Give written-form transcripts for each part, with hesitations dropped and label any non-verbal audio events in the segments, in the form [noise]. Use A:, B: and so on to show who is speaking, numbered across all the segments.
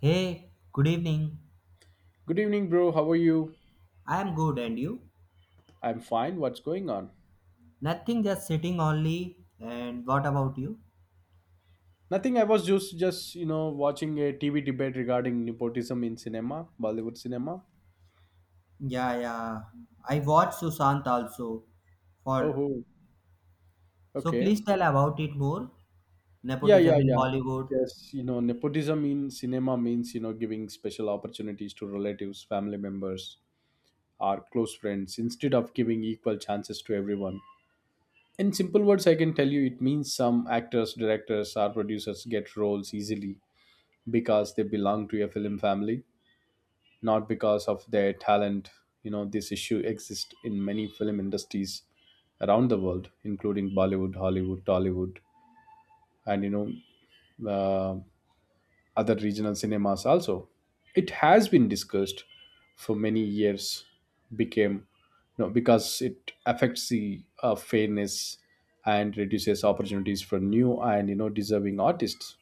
A: Hey, good evening.
B: Good evening, bro. How are you?
A: I am good, and you?
B: I'm fine. What's going on?
A: Nothing, just sitting only. And what about you?
B: Nothing. I was just watching a TV debate regarding nepotism in cinema, Bollywood cinema.
A: Yeah, yeah. I watched Sushant also.
B: Oh,
A: For
B: oh.
A: so,
B: Okay.
A: please tell about it more.
B: Yeah,
A: Nepotism
B: yeah,
A: in
B: yeah.
A: Bollywood.
B: Yes, nepotism in cinema means giving special opportunities to relatives, family members, or close friends instead of giving equal chances to everyone. In simple words, I can tell you it means some actors, directors, or producers get roles easily because they belong to a film family, not because of their talent. This issue exists in many film industries around the world, including Bollywood, Hollywood, Tollywood, and know, uh, other regional cinemas also. It has been discussed for many years, became, because it affects the fairness and reduces opportunities for new and deserving artists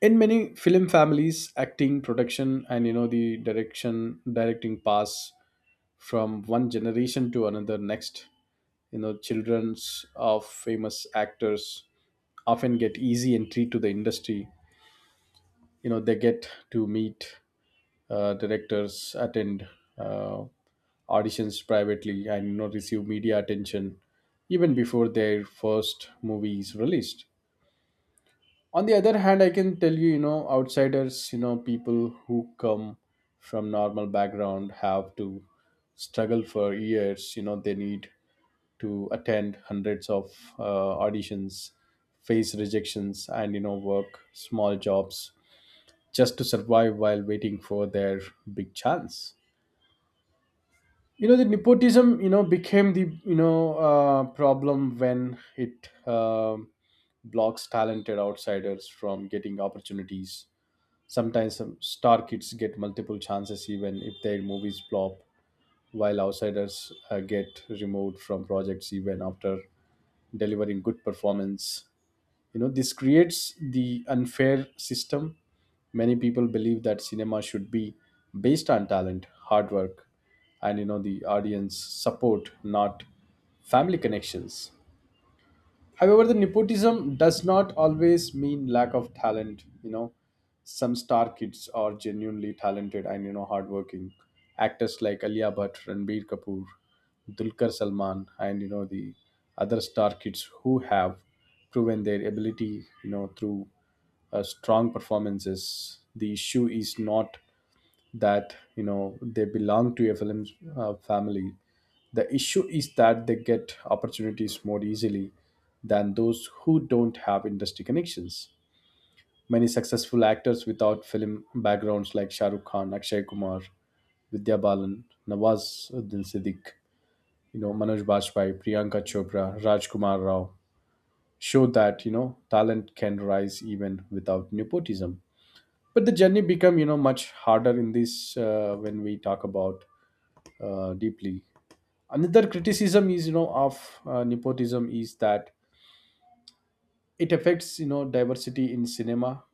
B: in many film families: acting, production, and the direction directing paths from one generation to another next. Childrens of famous actors often get easy entry to the industry. They get to meet directors, attend uh, auditions privately, and receive media attention even before their first movie is released. On the other hand, I can tell you, you know outsiders, people who come from normal background have to struggle for years. They need to attend hundreds of auditions, face rejections, and work small jobs just to survive while waiting for their big chance. The nepotism, became the problem when it blocks talented outsiders from getting opportunities. Sometimes some star kids get multiple chances even if their movies flop, while outsiders get removed from projects even after delivering good performance. This creates the unfair system. Many people believe that cinema should be based on talent, hard work, and the audience support, not family connections. However, the nepotism does not always mean lack of talent. Some star kids are genuinely talented and hardworking. Actors like Alia Bhatt, Ranbir Kapoor, Dulkar Salman, and the other star kids who have proven their ability through strong performances. The issue is not that they belong to a film family. The issue is that they get opportunities more easily than those who don't have industry connections. Many successful actors without film backgrounds, like Shah Rukh Khan, Akshay Kumar, Vidya Balan, Nawazuddin Siddiq, Manoj Bajpayee, Priyanka Chopra, Rajkumar Rao, show that talent can rise even without nepotism. But the journey become much harder in this, when we talk about deeply. Another criticism is, of nepotism, is that it affects, diversity in cinema.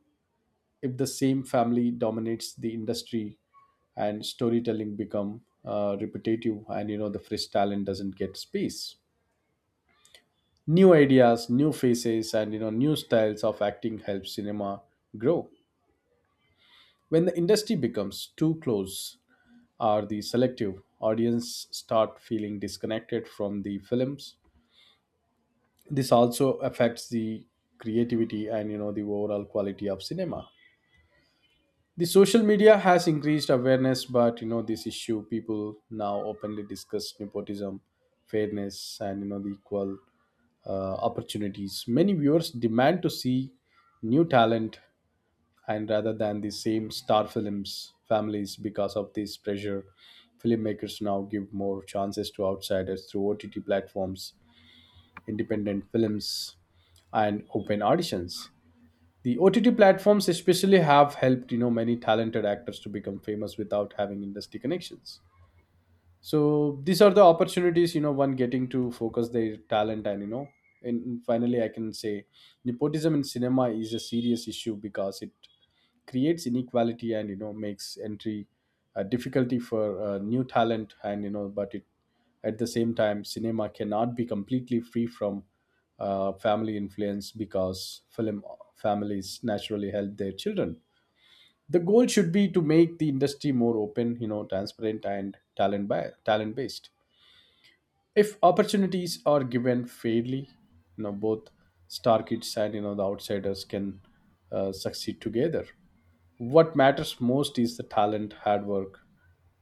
B: If the same family dominates the industry, and storytelling become repetitive, and the fresh talent doesn't get space. New ideas, new faces, and new styles of acting help cinema grow. When the industry becomes too close or the selective, audience start feeling disconnected from the films. This also affects the creativity and the overall quality of cinema. The social media has increased awareness, but this issue, people now openly discuss nepotism, fairness, and the equal opportunities. Many viewers demand to see new talent and rather than the same star films families. Because of this pressure, filmmakers now give more chances to outsiders through OTT platforms, independent films, and open auditions. The OTT platforms especially have helped many talented actors to become famous without having industry connections. So these are the opportunities one getting to focus their talent, and and finally I can say nepotism in cinema is a serious issue because it creates inequality and makes entry difficulty for new talent, and but it at the same time cinema cannot be completely free from family influence, because film families naturally help their children. The goal should be to make the industry more open, transparent, and talent by talent based. If opportunities are given fairly, both star kids and the outsiders can succeed together. What matters most is the talent, hard work,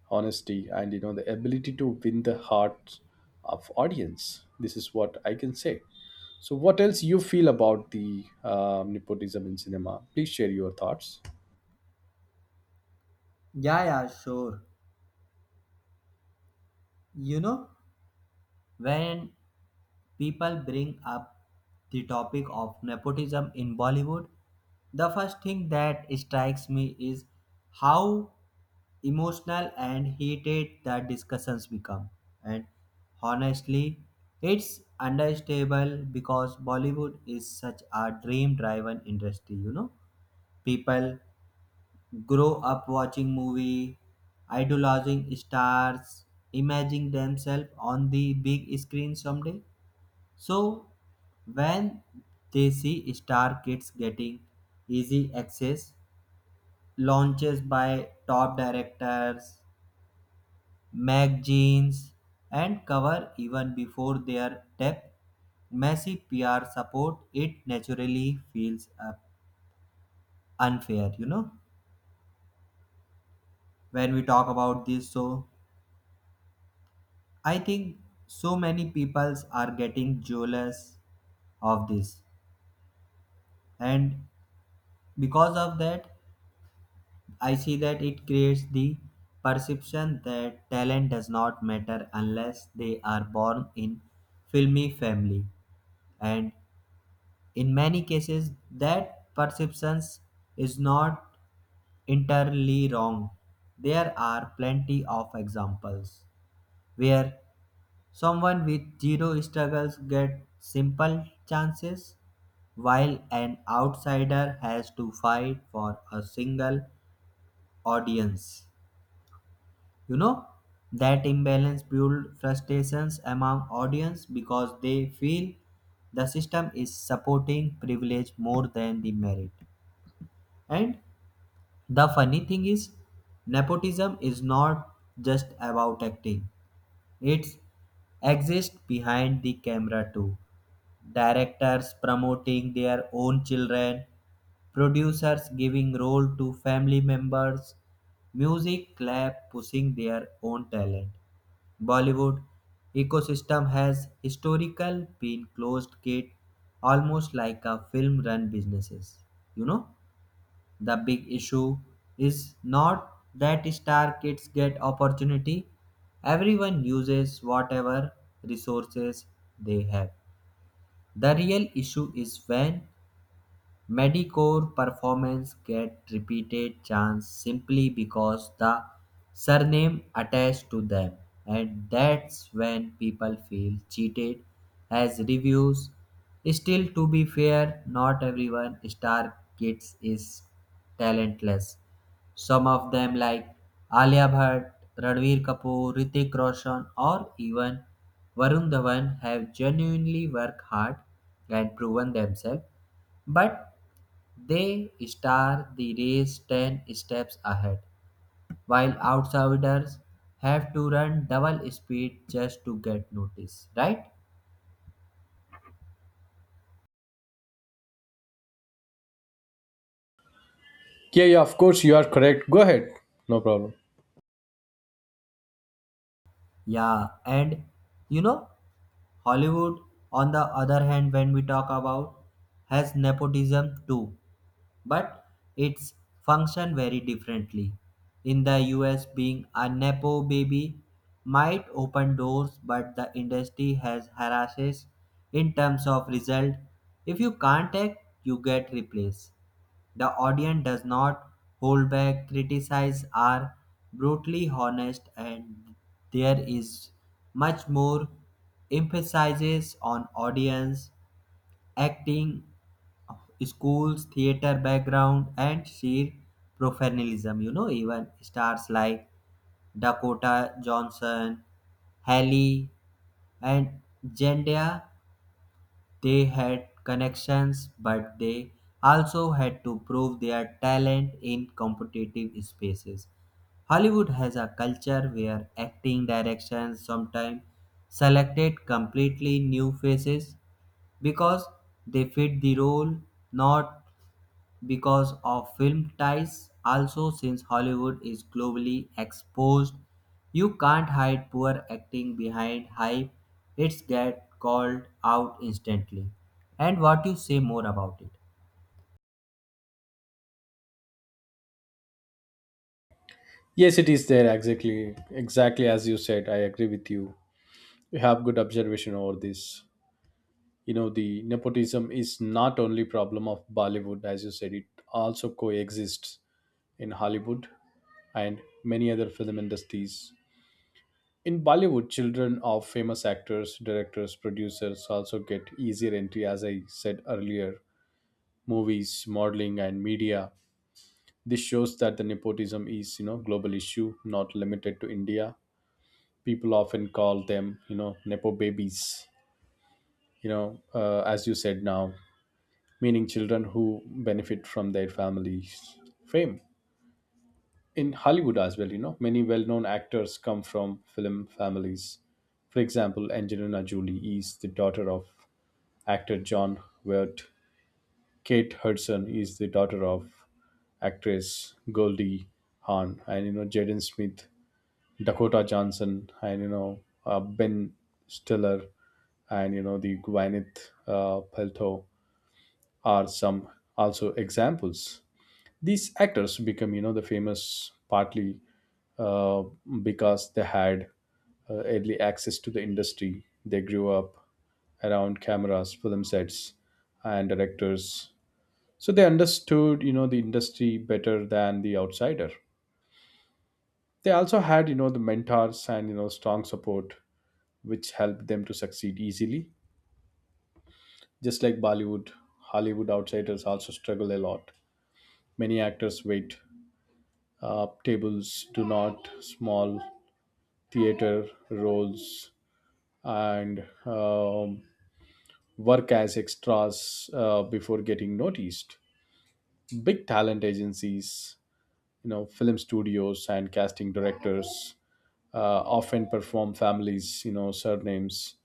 B: honesty, and the ability to win the hearts of audience. This is what I can say. So what else you feel about the nepotism in cinema? Please share your thoughts.
A: Yeah, yeah, sure. You know, When people bring up the topic of nepotism in Bollywood, the first thing that strikes me is how emotional and heated the discussions become. And honestly, it's understandable because Bollywood is such a dream driven industry. People grow up watching movie, idolizing stars, imagining themselves on the big screen someday, so when they see star kids getting easy access, launches by top directors, magazines, and cover even before their depth, massive PR support, it naturally feels unfair. When we talk about this, so I think so many peoples are getting jealous of this, and because of that, I see that it creates the perception that talent does not matter unless they are born in filmy family, and in many cases that perception is not entirely wrong. There are plenty of examples where someone with zero struggles get simple chances while an outsider has to fight for a single audience. You know, that imbalance builds frustrations among audience because they feel the system is supporting privilege more than the merit. And the funny thing is, nepotism is not just about acting. It exists behind the camera too. Directors promoting their own children, producers giving role to family members, music club pushing their own talent. Bollywood ecosystem has historical been closed gate, almost like a film run businesses. You know, the big issue is not that star kids get opportunity. Everyone uses whatever resources they have. The real issue is when Medecore performers get repeated chance simply because the surname attached to them, and that's when people feel cheated as reviews. Still, to be fair, not everyone star kids is talentless. Some of them, like Alia Bhatt, Ranveer Kapoor, Ritik Roshan, or even Varun Dhawan, have genuinely worked hard and proven themselves. But they start the race 10 steps ahead, while outsiders have to run double speed just to get noticed, right?
B: Yeah, yeah, of course, you are correct. Go ahead, no problem.
A: Yeah, and you know, Hollywood, on the other hand, when we talk about, has nepotism too. But it's function very differently. In the US, being a nepo baby might open doors, but the industry has harasses in terms of result. If you can't act, you get replaced. The audience does not hold back, criticize, are brutally honest, and there is much more emphasis on audience acting, schools, theater background, and sheer professionalism. You know, even stars like Dakota Johnson, Haley, and Zendaya, they had connections, but they also had to prove their talent in competitive spaces. Hollywood has a culture where acting directions sometimes selected completely new faces because they fit the role, not because of film ties. Also, since Hollywood is globally exposed, you can't hide poor acting behind hype. It's get called out instantly. And what you say more about it?
B: Yes, it is there. Exactly as you said, I agree with you. You have good observation over this. The nepotism is not only problem of Bollywood. As you said, it also coexists in Hollywood and many other film industries. In Bollywood, children of famous actors, directors, producers also get easier entry, as I said earlier, movies, modeling, and media. This shows that the nepotism is, global issue, not limited to India. People often call them, nepo babies. As you said now, meaning children who benefit from their families' fame. In Hollywood as well, many well-known actors come from film families. For example, Angelina Jolie is the daughter of actor John Hurt. Kate Hudson is the daughter of actress Goldie Hawn, and Jaden Smith, Dakota Johnson, and Ben Stiller, and the Gwyneth Paltrow are some also examples. These actors become the famous partly, uh, because they had early access to the industry. They grew up around cameras, film sets, and directors, so they understood the industry better than the outsider. They also had the mentors and strong support, which helped them to succeed easily. Just like Bollywood, Hollywood outsiders also struggle a lot. Many actors wait tables, do not small theater roles, and work as extras before getting noticed. Big talent agencies, film studios, and casting directors often perform families, surnames,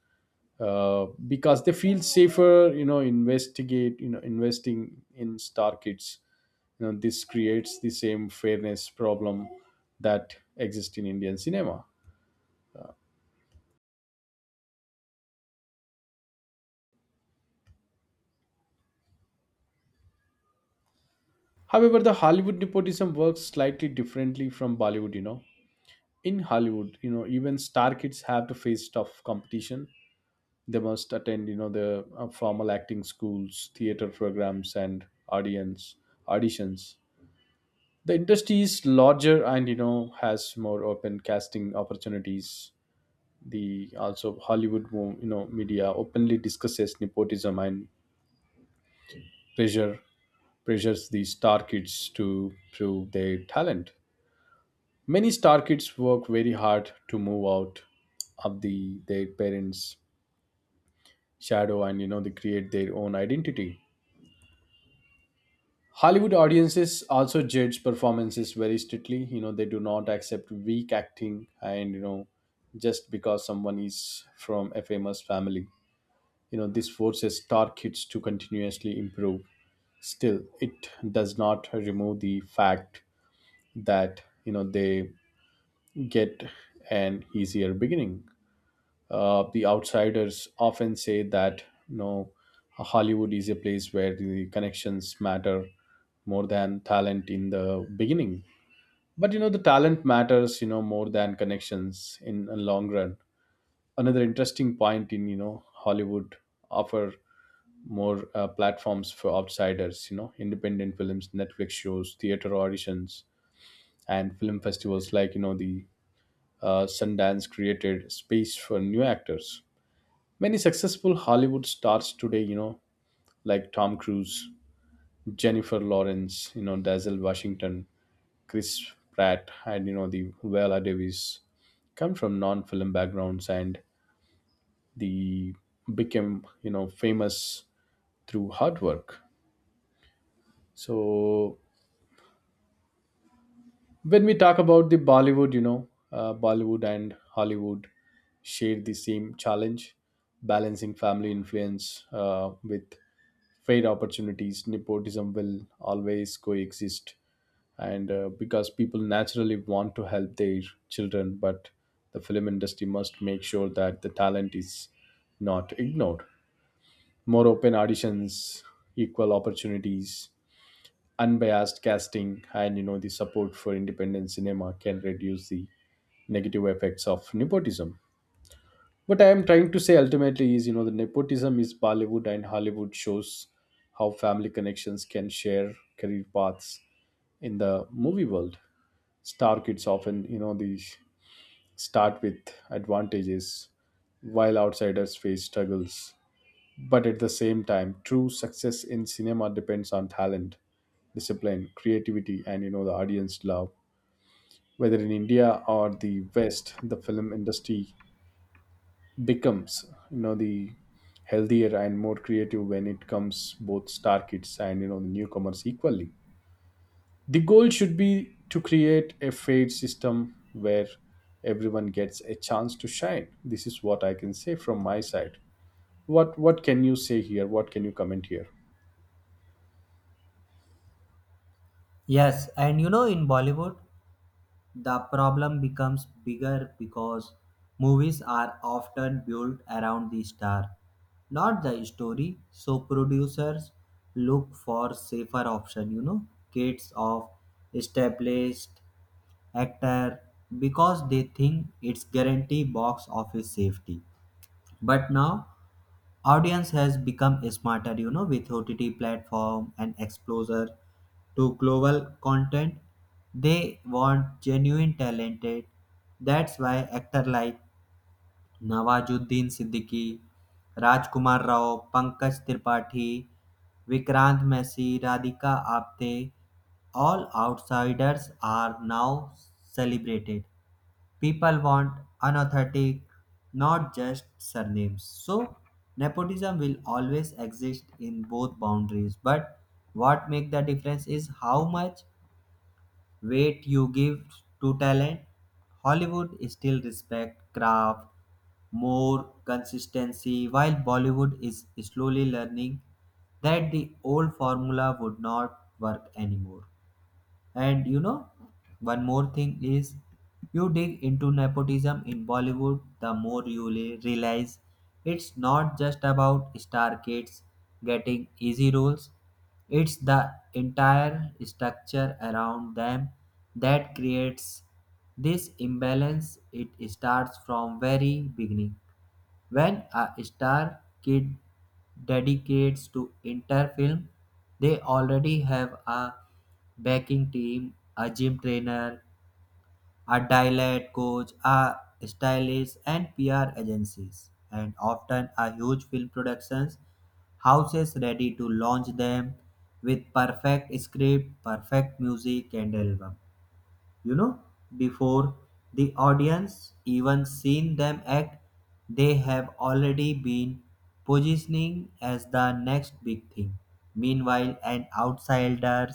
B: because they feel safer, investing in star kids. This creates the same fairness problem that exists in Indian cinema. However, the Hollywood nepotism works slightly differently from Bollywood. In Hollywood, even star kids have to face tough competition. They must attend, the formal acting schools, theater programs, and audience auditions. The industry is larger and, has more open casting opportunities. The also Hollywood, media openly discusses nepotism, and pressure pressures the star kids to prove their talent. Many star kids work very hard to move out of their parents' shadow, and they create their own identity. Hollywood audiences also judge performances very strictly. They do not accept weak acting, and just because someone is from a famous family. This forces star kids to continuously improve. Still, it does not remove the fact that they get an easier beginning. The outsiders often say that Hollywood is a place where the connections matter more than talent in the beginning. But the talent matters more than connections in a long run. Another interesting point in Hollywood offer more platforms for outsiders. Independent films, Netflix shows, theater auditions, and film festivals like the Sundance created space for new actors. Many successful Hollywood stars today, like Tom Cruise, Jennifer Lawrence, Denzel Washington, Chris Pratt, and the Viola Davis, come from non-film backgrounds, and the became famous through hard work. So when we talk about the bollywood you know Bollywood and Hollywood, share the same challenge balancing family influence with fair opportunities. Nepotism will always coexist, and because people naturally want to help their children. But the film industry must make sure that the talent is not ignored. More open auditions, equal opportunities, unbiased casting, and the support for independent cinema can reduce the negative effects of nepotism. What I am trying to say ultimately is the nepotism is Bollywood and Hollywood shows how family connections can share career paths in the movie world. Star kids often they start with advantages while outsiders face struggles. But at the same time, true success in cinema depends on talent, discipline, creativity, and the audience love. Whether in India or the West, the film industry becomes the healthier and more creative when it comes both star kids and the newcomers equally. The goal should be to create a fair system where everyone gets a chance to shine. This is what I can say from my side. What can you say here? What can you comment here?
A: Yes, and in Bollywood the problem becomes bigger because movies are often built around the star, not the story. So producers look for safer option, you know, kids of established actor because they think it's guarantee box office safety. But now audience has become smarter, you know, with OTT platform and exposure to global content. They want genuine talented. That's why actor like Nawazuddin Siddiqui, Rajkumar Rao, Pankaj Tripathi, Vikrant Messi, Radhika Apte, all outsiders are now celebrated. People want unauthentic, not just surnames. So nepotism will always exist in both boundaries, but what make the difference is how much weight you give to talent. Hollywood still respect craft more consistency, while Bollywood is slowly learning that the old formula would not work anymore. And one more thing is, you dig into nepotism in Bollywood, the more you realize it's not just about star kids getting easy roles, it's the entire structure around them that creates this imbalance. It starts from very beginning. When a star kid dedicates to inter film, they already have a backing team, a gym trainer, a dialect coach, a stylist, and PR agencies, and often a huge film productions houses ready to launch them with perfect script, perfect music, and album. You know, before the audience even seen them act, they have already been positioning as the next big thing. Meanwhile, an outsider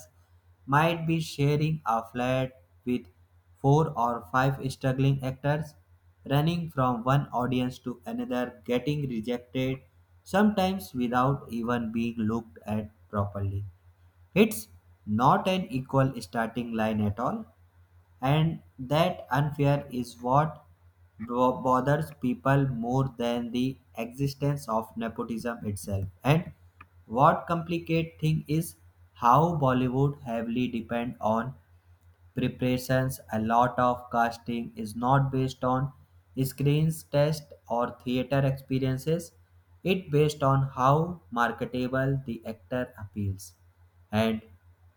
A: might be sharing a flat with four or five struggling actors, running from one audience to another, getting rejected, sometimes without even being looked at properly. It's not an equal starting line at all, and that unfair is what bothers people more than the existence of nepotism itself. And what complicate thing is how Bollywood heavily depend on preparations. A lot of casting is not based on screens test or theater experiences. It based on how marketable the actor appeals. And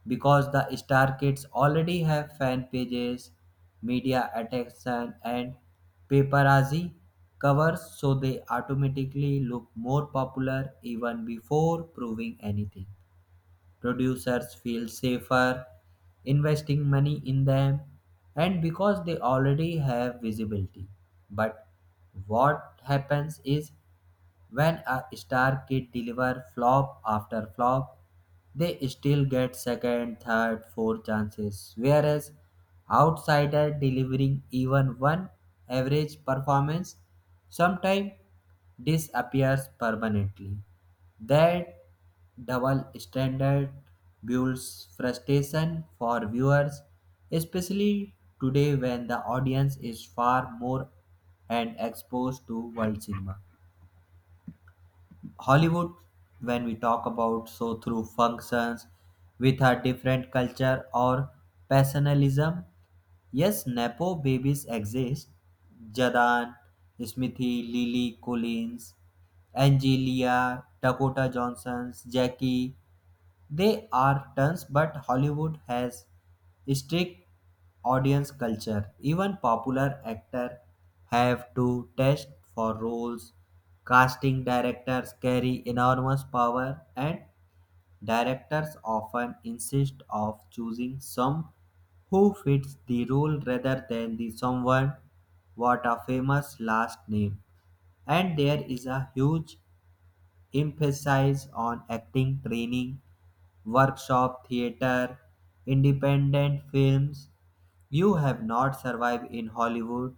A: because the star kids already have fan pages, media attention and paparazzi covers, so they automatically look more popular even before proving anything. Producers feel safer investing money in them and because they already have visibility. But what happens is, when a star kid deliver flop after flop, they still get second, third, fourth chances. Whereas outsider delivering even one average performance sometimes disappears permanently. That double standard builds frustration for viewers, especially today when the audience is far more and exposed to world cinema. Hollywood, when we talk about, so through functions with a different culture or personalism. Yes, Nepo babies exist. Jadan, Smithy, Lily Collins, Angelia, Dakota Johnson's, Jackie, they are tons, but Hollywood has strict audience culture. Even popular actors have to test for roles. Casting directors carry enormous power, and directors often insist of choosing some who fits the role rather than the someone what a famous last name. And there is a huge emphasize on acting training, workshop theater, independent films. You have not survived in Hollywood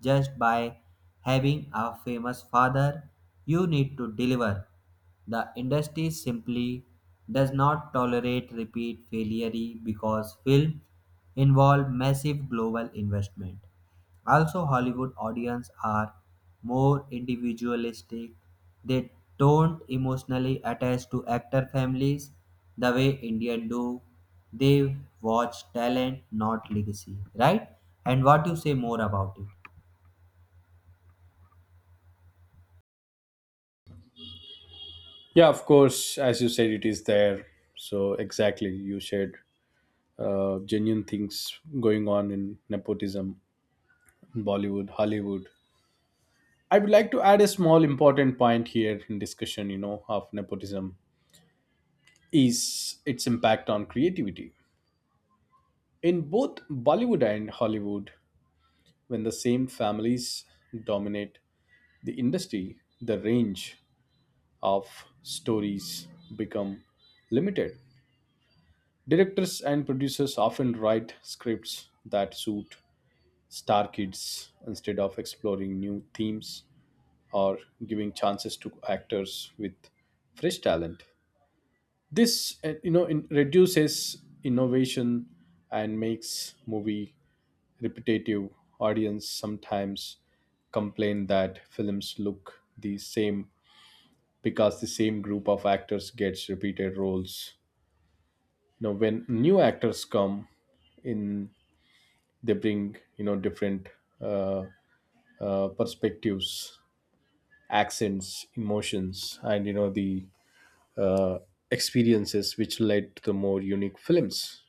A: just by having a famous father. You need to deliver. The industry simply does not tolerate repeat failure because film involve massive global investment. Also, Hollywood audiences are more individualistic. They don't emotionally attach to actor families the way Indian do. They watch talent, not legacy, right? And what you say more about it?
B: Yeah, of course, as you said, it is there. So exactly, you said genuine things going on in nepotism, Bollywood, Hollywood. I would like to add a small important point here in discussion, you know, of nepotism is its impact on creativity in both Bollywood and Hollywood. When the same families dominate the industry, the range of stories become limited. Directors and producers often write scripts that suit star kids instead of exploring new themes or giving chances to actors with fresh talent. This reduces innovation and makes movie repetitive. Audience sometimes complain that films look the same because the same group of actors gets repeated roles. Now, when new actors come in, they bring, you know, different uh, perspectives, accents, emotions, and, you know, the uh, experiences which led to the more unique films.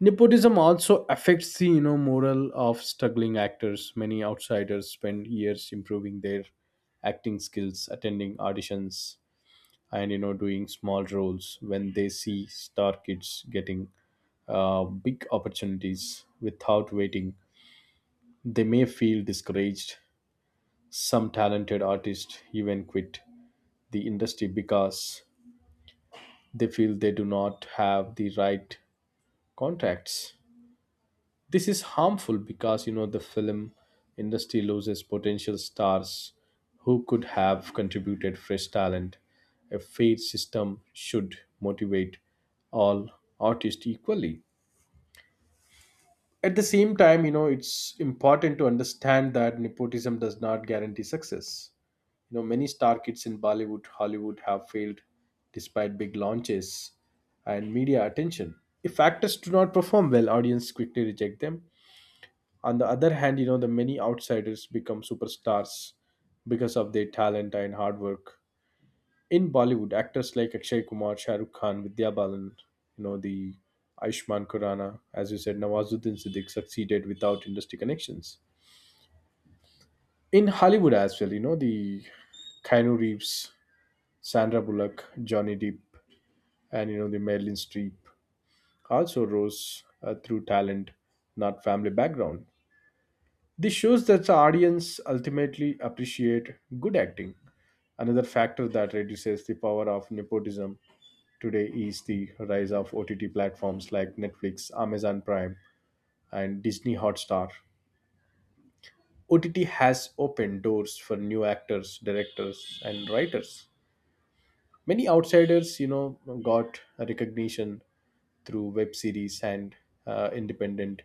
B: Nepotism also affects the, you know, moral of struggling actors. Many outsiders spend years improving their acting skills, attending auditions, and, you know, doing small roles. When they see star kids getting big opportunities without waiting, they may feel discouraged. Some talented artists even quit the industry because they feel they do not have the right contracts. This is harmful because, you know, the film industry loses potential stars who could have contributed fresh talent. A fair system should motivate all artists equally. At the same time, you know, it's important to understand that nepotism does not guarantee success. You know, many star kids in Bollywood, Hollywood have failed despite big launches and media attention. If actors do not perform well, audience quickly reject them. On the other hand, you know, the many outsiders become superstars because of their talent and hard work. In Bollywood, actors like Akshay Kumar, Shah Rukh Khan, Vidya Balan, you know, the Aishman Khurrana, as you said, Nawazuddin Siddique succeeded without industry connections. In Hollywood as well, you know, the Keanu Reeves, Sandra Bullock, Johnny Depp, and, you know, the Marilyn Streep also rose through talent, not family background. This shows that the audience ultimately appreciate good acting. Another factor that reduces the power of nepotism today is the rise of OTT platforms like Netflix, Amazon Prime, and Disney Hotstar. OTT has opened doors for new actors, directors, and writers. Many outsiders, you know, got recognition through web series and independent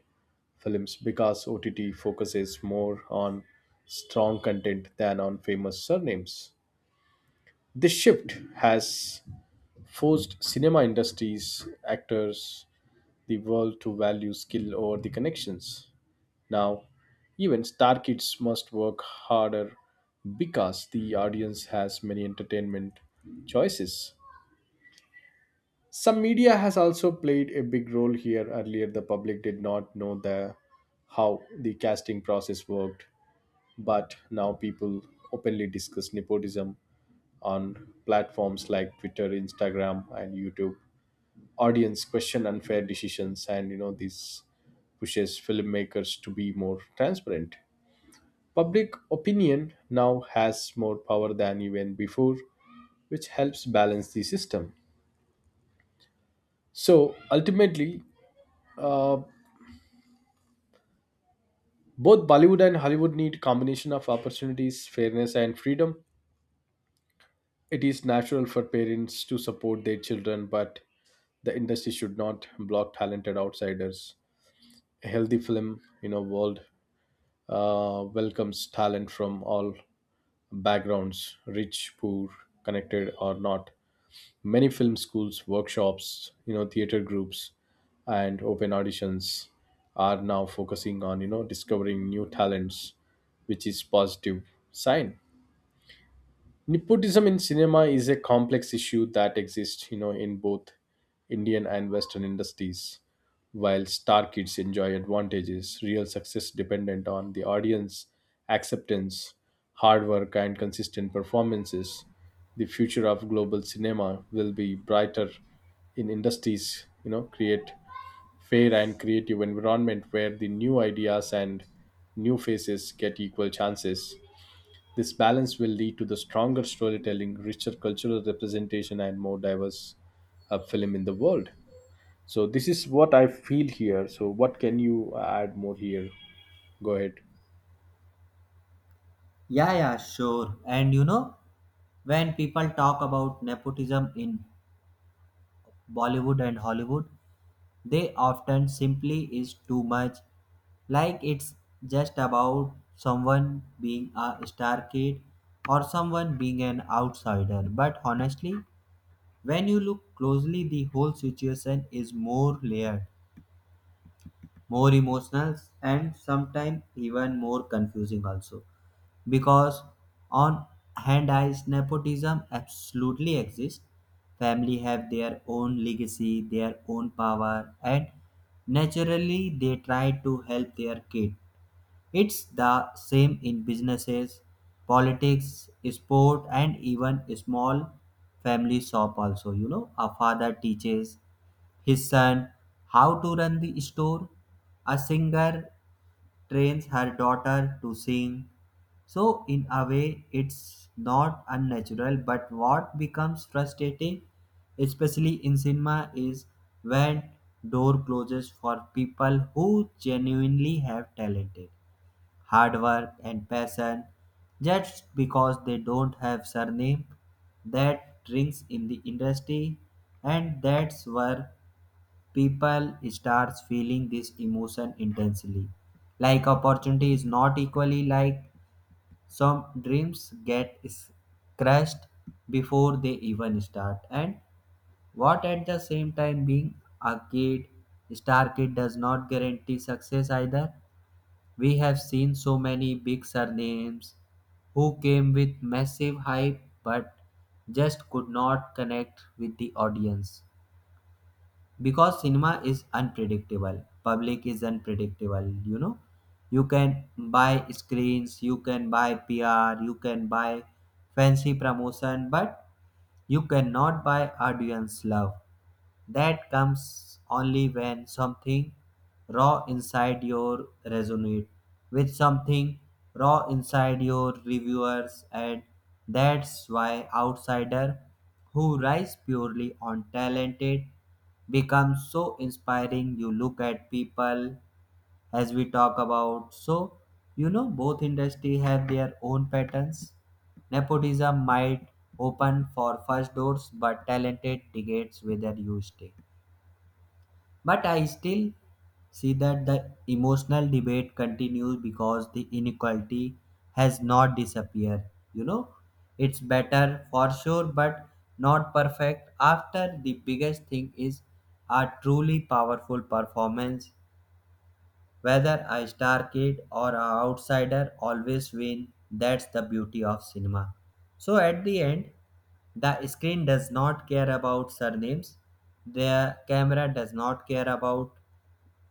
B: films because OTT focuses more on strong content than on famous surnames. This shift has forced cinema industries, actors, the world to value skill over the connections. Now, even star kids must work harder because the audience has many entertainment choices. Some media has also played a big role here. Earlier, the public did not know the how the casting process worked, but now people openly discuss nepotism on platforms like Twitter, Instagram, and YouTube. Audience question unfair decisions, and, you know, this pushes filmmakers to be more transparent. Public opinion now has more power than even before, which helps balance the system. So ultimately, uh, both Bollywood and Hollywood need combination of opportunities, fairness, and freedom. It is natural for parents to support their children, but the industry should not block talented outsiders. A healthy film, you know, world welcomes talent from all backgrounds, rich, poor, connected or not. Many film schools, workshops, you know, theater groups, and open auditions are now focusing on, you know, discovering new talents, which is positive sign. Nepotism in cinema is a complex issue that exists, you know, in both indian and western industries. While star kids enjoy advantages, real success dependent on the audience acceptance, hard work, and consistent performances, the future of global cinema will be brighter in industries, you know, create fair and creative environment where the new ideas and new faces get equal chances. This balance will lead to the stronger storytelling, richer cultural representation, and more diverse film in the world. So this is what I feel here. So what can you add more here? Go ahead.
A: Yeah, yeah, sure. And when people talk about nepotism in Bollywood and Hollywood, they often simply is too much, like it's just about someone being a star kid or someone being an outsider. But honestly, when you look closely, the whole situation is more layered, more emotional, and sometimes even more confusing also, because on hand eyes nepotism absolutely exists. Family have their own legacy, their own power, and naturally they try to help their kid. It's the same in businesses, politics, sport, and even small family shop also. You know, a father teaches his son how to run the store, a singer trains her daughter to sing. So, in a way, it's not unnatural, but what becomes frustrating, especially in cinema, is when door closes for people who genuinely have talented, hard work and passion, just because they don't have surname that rings in the industry. And that's where people starts feeling this emotion intensely, like opportunity is not equally, like some dreams get crushed before they even start. And what at the same time, being a kid, star kid does not guarantee success either. We have seen so many big surnames who came with massive hype but just could not connect with the audience, because cinema is unpredictable, public is unpredictable, you know. You can buy screens, you can buy PR, you can buy fancy promotion, but you cannot buy audience love. That comes only when something raw inside your resonate with something raw inside your reviewers. And that's why outsider who rise purely on talented becomes so inspiring. You look at people, as we talk about, so you know, both industry have their own patterns. Nepotism might open for first doors, but talented dictates whether you stay. But I still see that the emotional debate continues because the inequality has not disappeared. You know, it's better for sure, but not perfect. After the biggest thing is, a truly powerful performance, whether a star kid or an outsider, always win. That's the beauty of cinema. So at the end, the screen does not care about surnames, the camera does not care about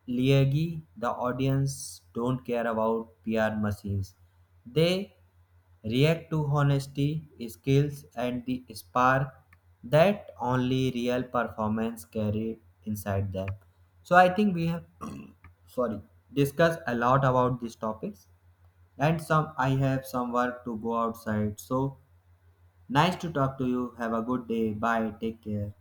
A: Liagi, the audience don't care about PR machines. They react to honesty, skills, and the spark that only real performance carry inside them. So I think we have [clears throat] sorry discussed a lot about these topics, and some I have some work to go outside. So nice to talk to you. Have a good day. Bye. Take care.